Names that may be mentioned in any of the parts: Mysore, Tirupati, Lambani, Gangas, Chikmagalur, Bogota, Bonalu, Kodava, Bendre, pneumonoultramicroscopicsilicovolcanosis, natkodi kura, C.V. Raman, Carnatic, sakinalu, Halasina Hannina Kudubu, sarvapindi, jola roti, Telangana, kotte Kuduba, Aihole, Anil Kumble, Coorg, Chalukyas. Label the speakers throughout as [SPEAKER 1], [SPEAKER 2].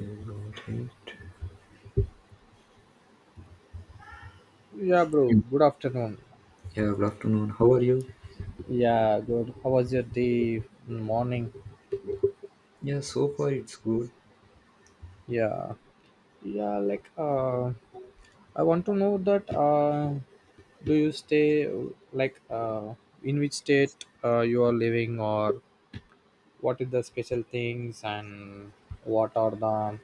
[SPEAKER 1] Okay, got it.
[SPEAKER 2] Yeah, bro.
[SPEAKER 1] Mm.
[SPEAKER 2] Good afternoon.
[SPEAKER 1] Yeah, good afternoon. How are you?
[SPEAKER 2] Yeah, good. How was your day, morning?
[SPEAKER 1] Yeah, so far it's good.
[SPEAKER 2] Yeah, yeah. I want to know that. Do you stay like uh, in which state you are living, or what is the special things, and what are the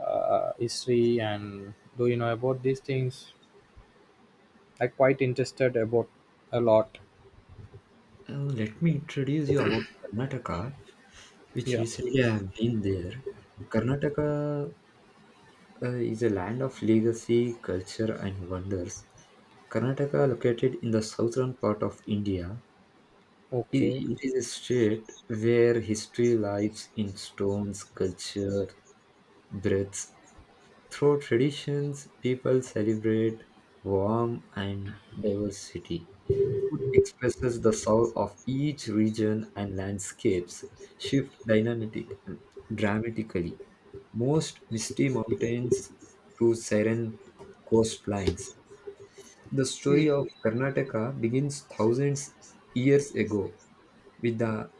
[SPEAKER 2] history, and do you know about these things? I quite interested about a lot.
[SPEAKER 1] Let me introduce you about Karnataka, which
[SPEAKER 2] Yeah.
[SPEAKER 1] recently I have been there. Karnataka is a land of legacy, culture, and wonders. Karnataka, located in the southern part of India,
[SPEAKER 2] Okay.
[SPEAKER 1] it is a state where history lies in stones, culture, breaths. Through traditions, people celebrate warmth and diversity. Food expresses the soul of each region and landscapes shift dynamic dramatically. Most misty mountains to serene coastlines. The story of Karnataka begins thousands years ago with the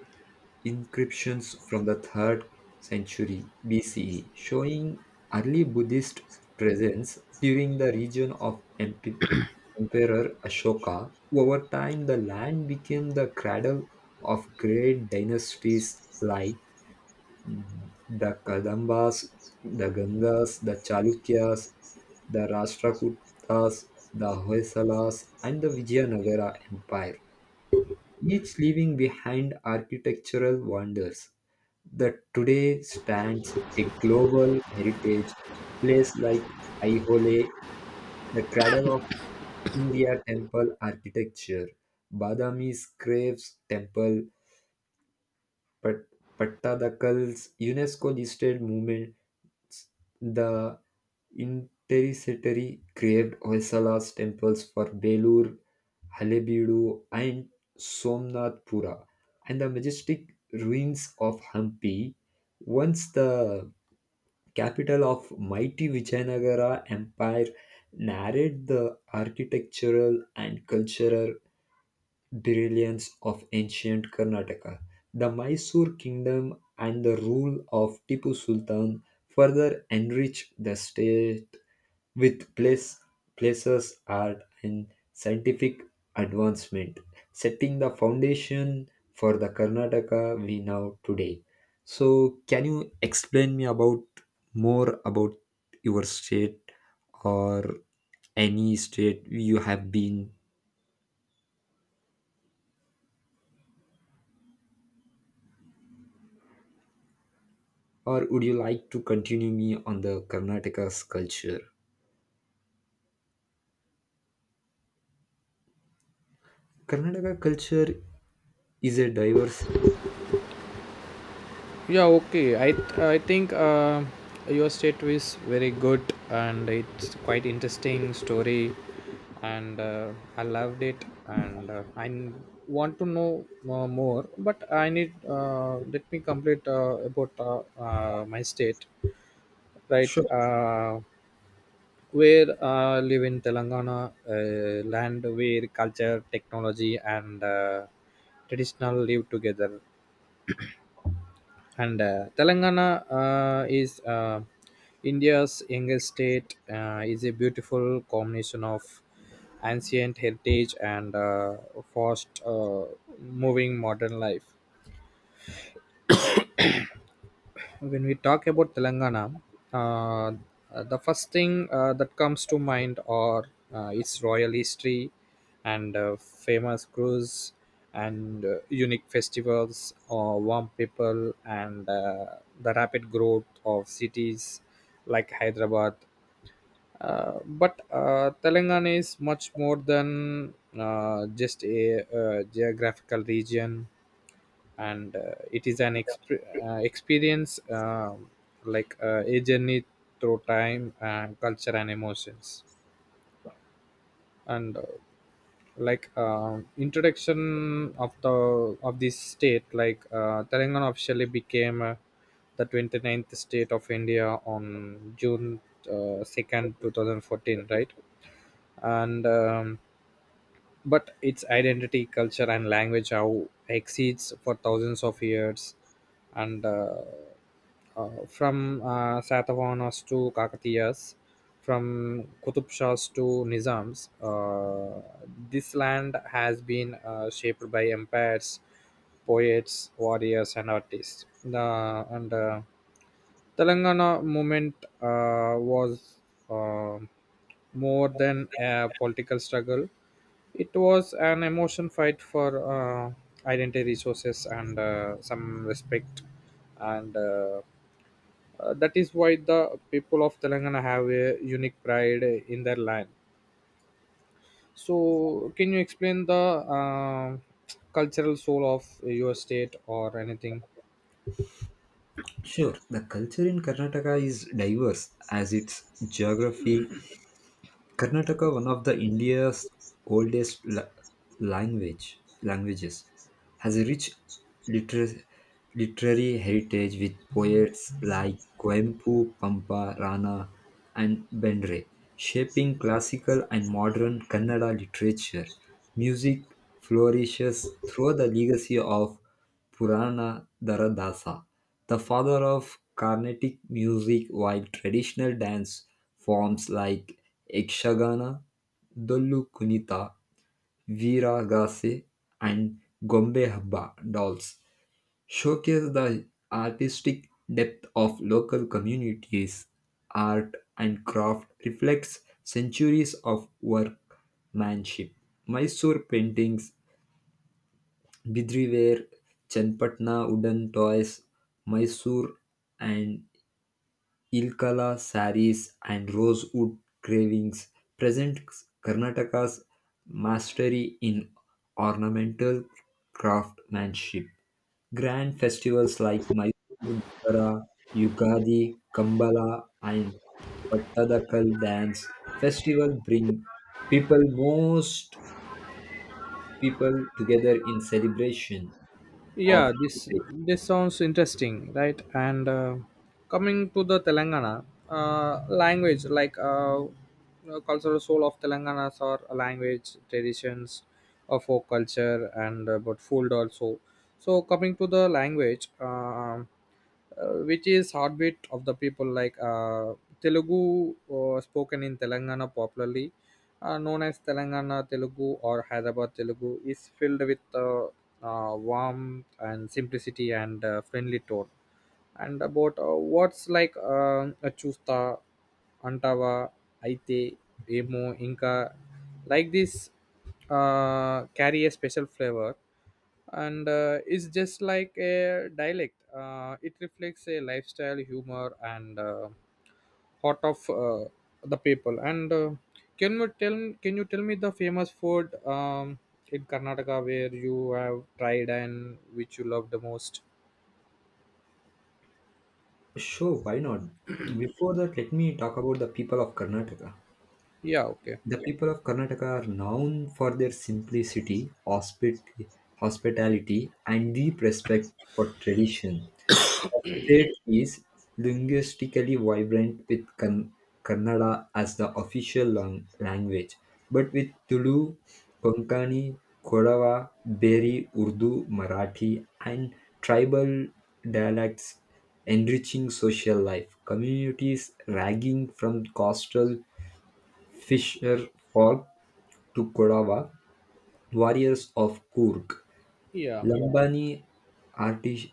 [SPEAKER 1] inscriptions from the 3rd century BCE showing early Buddhist presence during the region of Emperor Ashoka. Over time, the land became the cradle of great dynasties like the Kadambas, the Gangas, the Chalukyas, the Rashtrakutas, the Hoysalas, and the Vijayanagara Empire, each leaving behind architectural wonders that today stands a global heritage place like Aihole, the cradle of India temple architecture, Badami's Graves Temple, Pat- Pattadakal's UNESCO listed the intercity craved Hoysala's temples for Belur, Halebeedu, and Somnathpura, and the majestic ruins of Hampi, once the capital of mighty Vijayanagara Empire, narrate the architectural and cultural brilliance of ancient Karnataka, the Mysore kingdom, and the rule of Tipu Sultan further enrich the state with place, places, art, and scientific advancement, setting the foundation for the Karnataka we know today. So, can you explain me about more about your state, or any state you have been, or would you like to continue me on the Karnataka's culture? Karnataka culture is a diverse.
[SPEAKER 2] Yeah, okay. I think your state is very good and it's quite interesting story, and I loved it. And I want to know more, but I need let me complete about my state, right?
[SPEAKER 1] Sure.
[SPEAKER 2] Where I live in Telangana, land where culture, technology, and traditional live together and telangana is india's youngest state is a beautiful combination of ancient heritage and fast moving modern life when we talk about telangana uh, the first thing that comes to mind are its royal history and famous crews and unique festivals warm people and the rapid growth of cities like hyderabad, but Telangana is much more than just a, geographical region and it is an experience, like a journey through time, culture and emotions, and introduction of the of this state. Telangana officially became the 29th state of india on june 2nd 2014, right? and But its identity, culture, and language how exceeds for thousands of years. And from Satavahanas to Kakatiyas, from Qutub Shahs to Nizams. This land has been shaped by empires, poets, warriors, and artists. The and Telangana movement was uh, more than a political struggle. It was an emotion fight for identity resources and some respect, and that is why the people of Telangana have a unique pride in their land. So, can you explain the cultural soul of your state or anything?
[SPEAKER 1] Sure, the culture in Karnataka is diverse as its geography. Karnataka, one of the India's oldest languages, has a rich liter- literary heritage with poets like Coimbu, Pampa, Rana, and Bendre, shaping classical and modern Kannada literature. Music flourishes through the legacy of Purana Dharadasa, the father of Carnatic music, while traditional dance forms like Ekshagana, Dollu Kunita, Viragase, and Gombe Habba dolls showcase the artistic depth of local communities. Art and craft reflects centuries of workmanship. Mysore paintings, Bidri ware, Chenpatna wooden toys, Mysore and Ilkala saris, and rosewood carvings present Karnataka's mastery in ornamental craftsmanship. Grand festivals like Mysore Dussehra, Yugadi, Kambala, and Pattadakal dance festival bring people most people together in celebration of
[SPEAKER 2] Yeah, this
[SPEAKER 1] heritage.
[SPEAKER 2] this sounds interesting, right? and Coming to the telangana language, like cultural soul of telanganas or language traditions of folk culture, and but food also. So coming to the language, which is heartbeat of the people, like Telugu spoken in Telangana popularly known as Telangana Telugu or Hyderabad Telugu, is filled with warmth and simplicity and friendly tone, and about words like Achusta, Antava, Aite, Emo, inka, like this carry a special flavor, and it's just like a dialect. It reflects a lifestyle humor and heart of the people. And Can you tell me the famous food in karnataka where you have tried and which you love the most?
[SPEAKER 1] Sure, why not? Before that, let me talk about the people of Karnataka.
[SPEAKER 2] Yeah, okay.
[SPEAKER 1] The people of Karnataka are known for their simplicity, hospitality, and deep respect for tradition. State is linguistically vibrant with Kannada as the official language, but with Tulu, Konkani, Kodava, Beri, Urdu, Marathi, and tribal dialects enriching social life. Communities ranging from coastal fisher folk to Kodava, warriors of Kurg.
[SPEAKER 2] Yeah.
[SPEAKER 1] Lambani artis-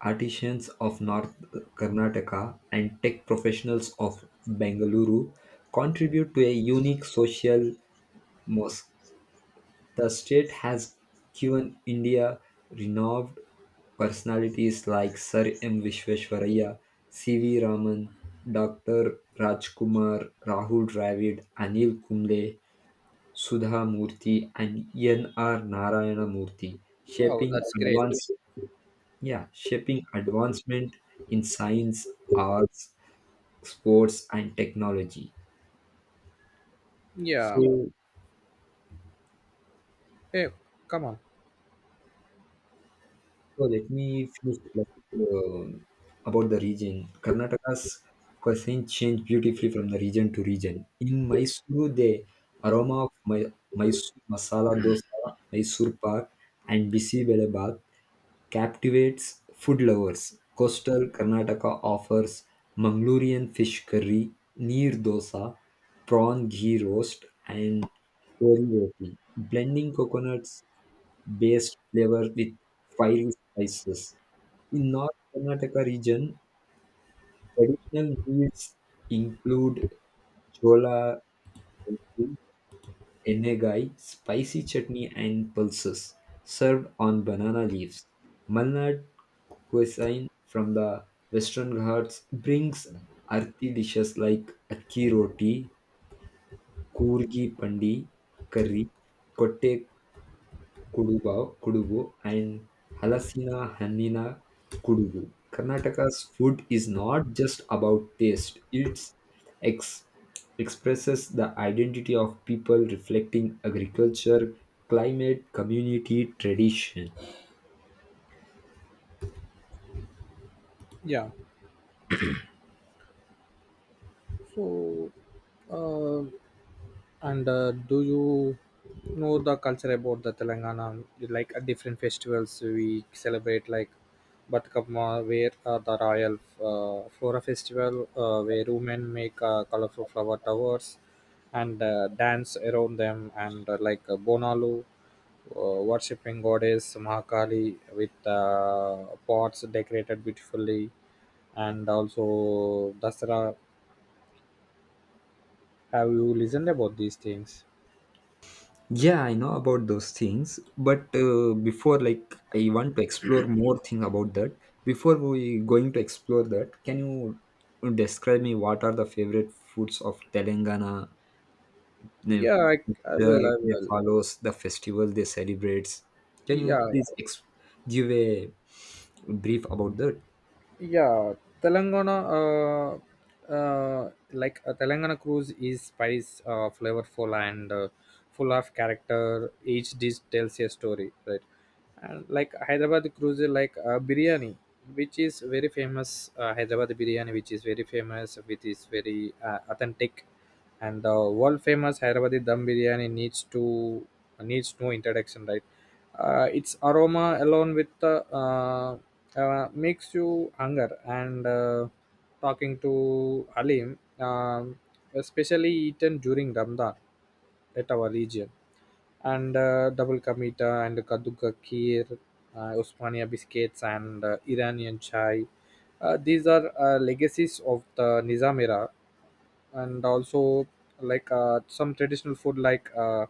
[SPEAKER 1] artisans of North Karnataka and tech professionals of Bengaluru contribute to a unique social mosque. The state has given India renowned personalities like Sir M. Vishweswaraya, C.V. Raman, Dr. Rajkumar, Rahul Dravid, Anil Kumble, Sudha Murthy, and N.R. Narayana Murthy,
[SPEAKER 2] Wow,
[SPEAKER 1] shaping
[SPEAKER 2] that's great.
[SPEAKER 1] advanced, yeah, shaping advancement in science, arts, sports, and technology.
[SPEAKER 2] Yeah,
[SPEAKER 1] So,
[SPEAKER 2] hey, come on.
[SPEAKER 1] so let me finish like, um about the region. Karnataka's cuisine changed beautifully from the region to region. In Mysuru, the aroma of Mysore masala dosa, Mysore pak, and bisi bele bath captivates food lovers. Coastal Karnataka offers Mangalorean fish curry, neer dosa, prawn ghee roast, and kori roti, blending coconuts based flavor with fiery spices. In North Karnataka region, traditional meals include jola roti, Enegai, spicy chutney and pulses served on banana leaves. Malnad cuisine from the Western Ghats brings earthy dishes like akki roti, kurgi pandi, curry, kotte Kuduba, Kudubu, and Halasina Hannina Kudubu. Karnataka's food is not just about taste, it's ex- expresses the identity of people reflecting agriculture, climate, community, tradition.
[SPEAKER 2] Yeah, so uh, And do you know the culture about the Telangana? Like different festivals we celebrate, like Batkapma, where the Royal Flora Festival, where women make colorful flower towers and dance around them, and like Bonalu, uh, worshipping goddess Mahakali with pots decorated beautifully, and also Dasara. Have you listened about these things?
[SPEAKER 1] Yeah, I know about those things, but before, like, I want to explore more thing about that. Before we going to explore that, can you describe me what are the favorite foods of Telangana, the
[SPEAKER 2] Yeah, I, I
[SPEAKER 1] culture
[SPEAKER 2] will. I
[SPEAKER 1] they
[SPEAKER 2] will.
[SPEAKER 1] follows, the festival they celebrates. Can you
[SPEAKER 2] Yeah,
[SPEAKER 1] please give a brief about that?
[SPEAKER 2] yeah. Telangana, Telangana cruise is spice, flavorful and full of character. Each dish tells a story, right? And like Hyderabad cruise, is like biryani, which is very famous. Hyderabad biryani, which is very famous, which is very authentic, and the world famous Hyderabadi dum biryani needs no introduction, right? Its aroma alone with the makes you hunger, and talking to Alim, especially eaten during Ramadan at our region, and double kamita and kaduka kheer, usmania biscuits and iranian chai. These are legacies of the nizam era, and also some traditional food, like uh,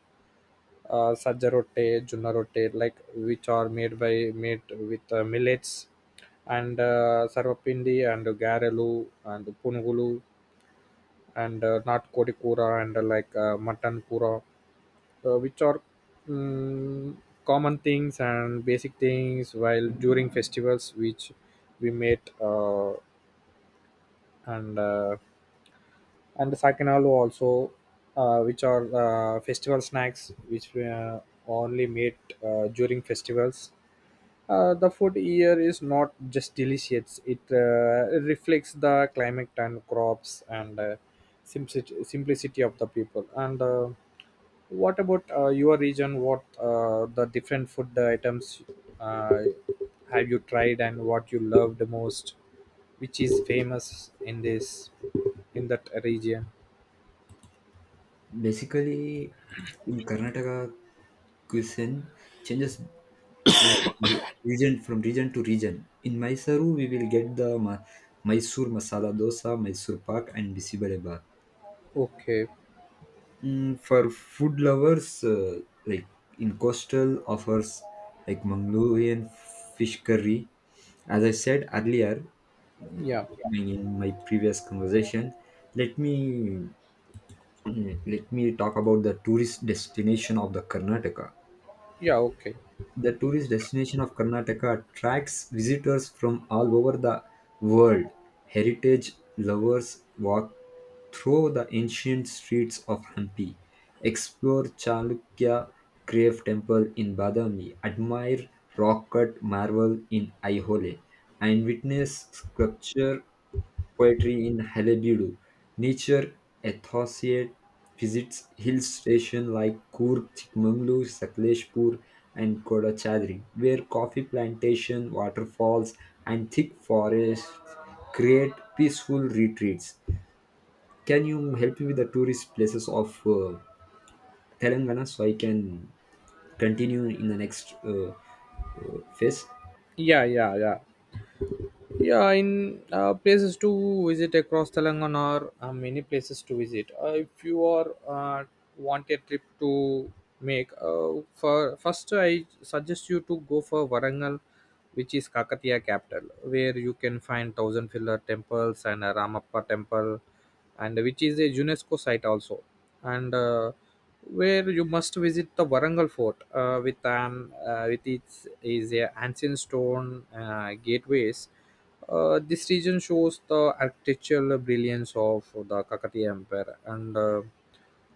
[SPEAKER 2] uh, sajja rote, junna rote, like which are made with millets, and sarvapindi and garelu and pungulu and natkodi kura, and like mutton kura, which are mm, common things and basic things while during festivals which we made, and uh, and the sakinalu also, which are festival snacks which were only made during festivals. The food here is not just delicious, it reflects the climate and crops and simplicity of the people. And What about your region, what the different food items uh, have you tried and what you loved most which is famous in this in that region?
[SPEAKER 1] Basically, in Karnataka, cuisine changes like region from region to region. In Mysuru, we will get the Mysore masala dosa, Mysore pak, and bisibale.
[SPEAKER 2] Okay.
[SPEAKER 1] For food lovers, like in coastal offers like Mongolian fish curry. As I said earlier,
[SPEAKER 2] Yeah.
[SPEAKER 1] I mean, in my previous conversation, let me let me talk about the tourist destination of the Karnataka.
[SPEAKER 2] Yeah. Okay.
[SPEAKER 1] The tourist destination of Karnataka attracts visitors from all over the world. Heritage lovers walk through the ancient streets of Hampi, explore Chalukya Crave Temple in Badami, admire rock cut marble in Aihole, and witness sculpture poetry in Halebedu. Nature enthusiast visits hill stations like Coorg, Chikmagalur, Sakleshpur, and Kodachadri, where coffee plantation, waterfalls, and thick forests create peaceful retreats. Can you help me with the tourist places of Telangana, so I can continue in the next phase?
[SPEAKER 2] Yeah. Yeah. Yeah. Yeah, in places to visit across Telangana or many places to visit. If you are want a trip to make, for first I suggest you to go for Varangal, which is Kakatiya capital, where you can find thousand pillar temples and a Ramappa temple, and which is a UNESCO site also, and where you must visit the Varangal fort with its is a ancient stone gateways. This region shows the architectural brilliance of the Kakatiya Empire. And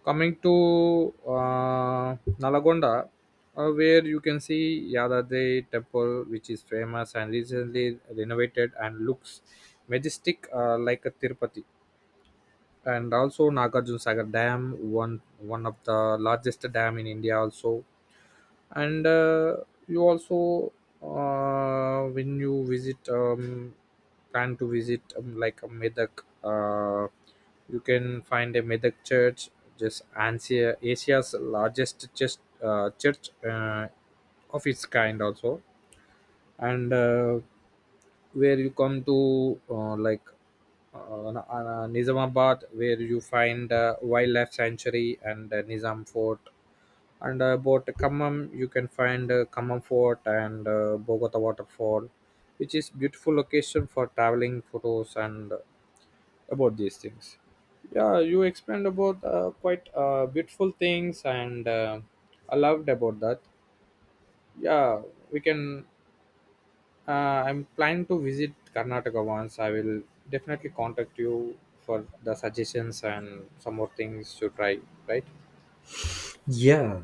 [SPEAKER 2] coming to Nalagonda, where you can see Yadadri temple, which is famous and recently renovated and looks majestic, like a Tirupati. And also Nagarjun Sagar Dam, one of the largest dam in India, also, and you also when you visit, plan to visit, like a medak, uh, you can find a medak church, just asia's largest church, uh, church uh, of its kind also, and where you come to, like Nizamabad, where you find wildlife sanctuary and Nizam Fort, and about Khammam you can find Khammam Fort and Bogota waterfall, which is beautiful location for traveling photos, and about these things. Yeah, you explained about quite beautiful things, and I loved about that. Yeah, we can, uh, I'm planning to visit Karnataka once. I will definitely contact you for the suggestions and some more things to try, right?
[SPEAKER 1] Yeah,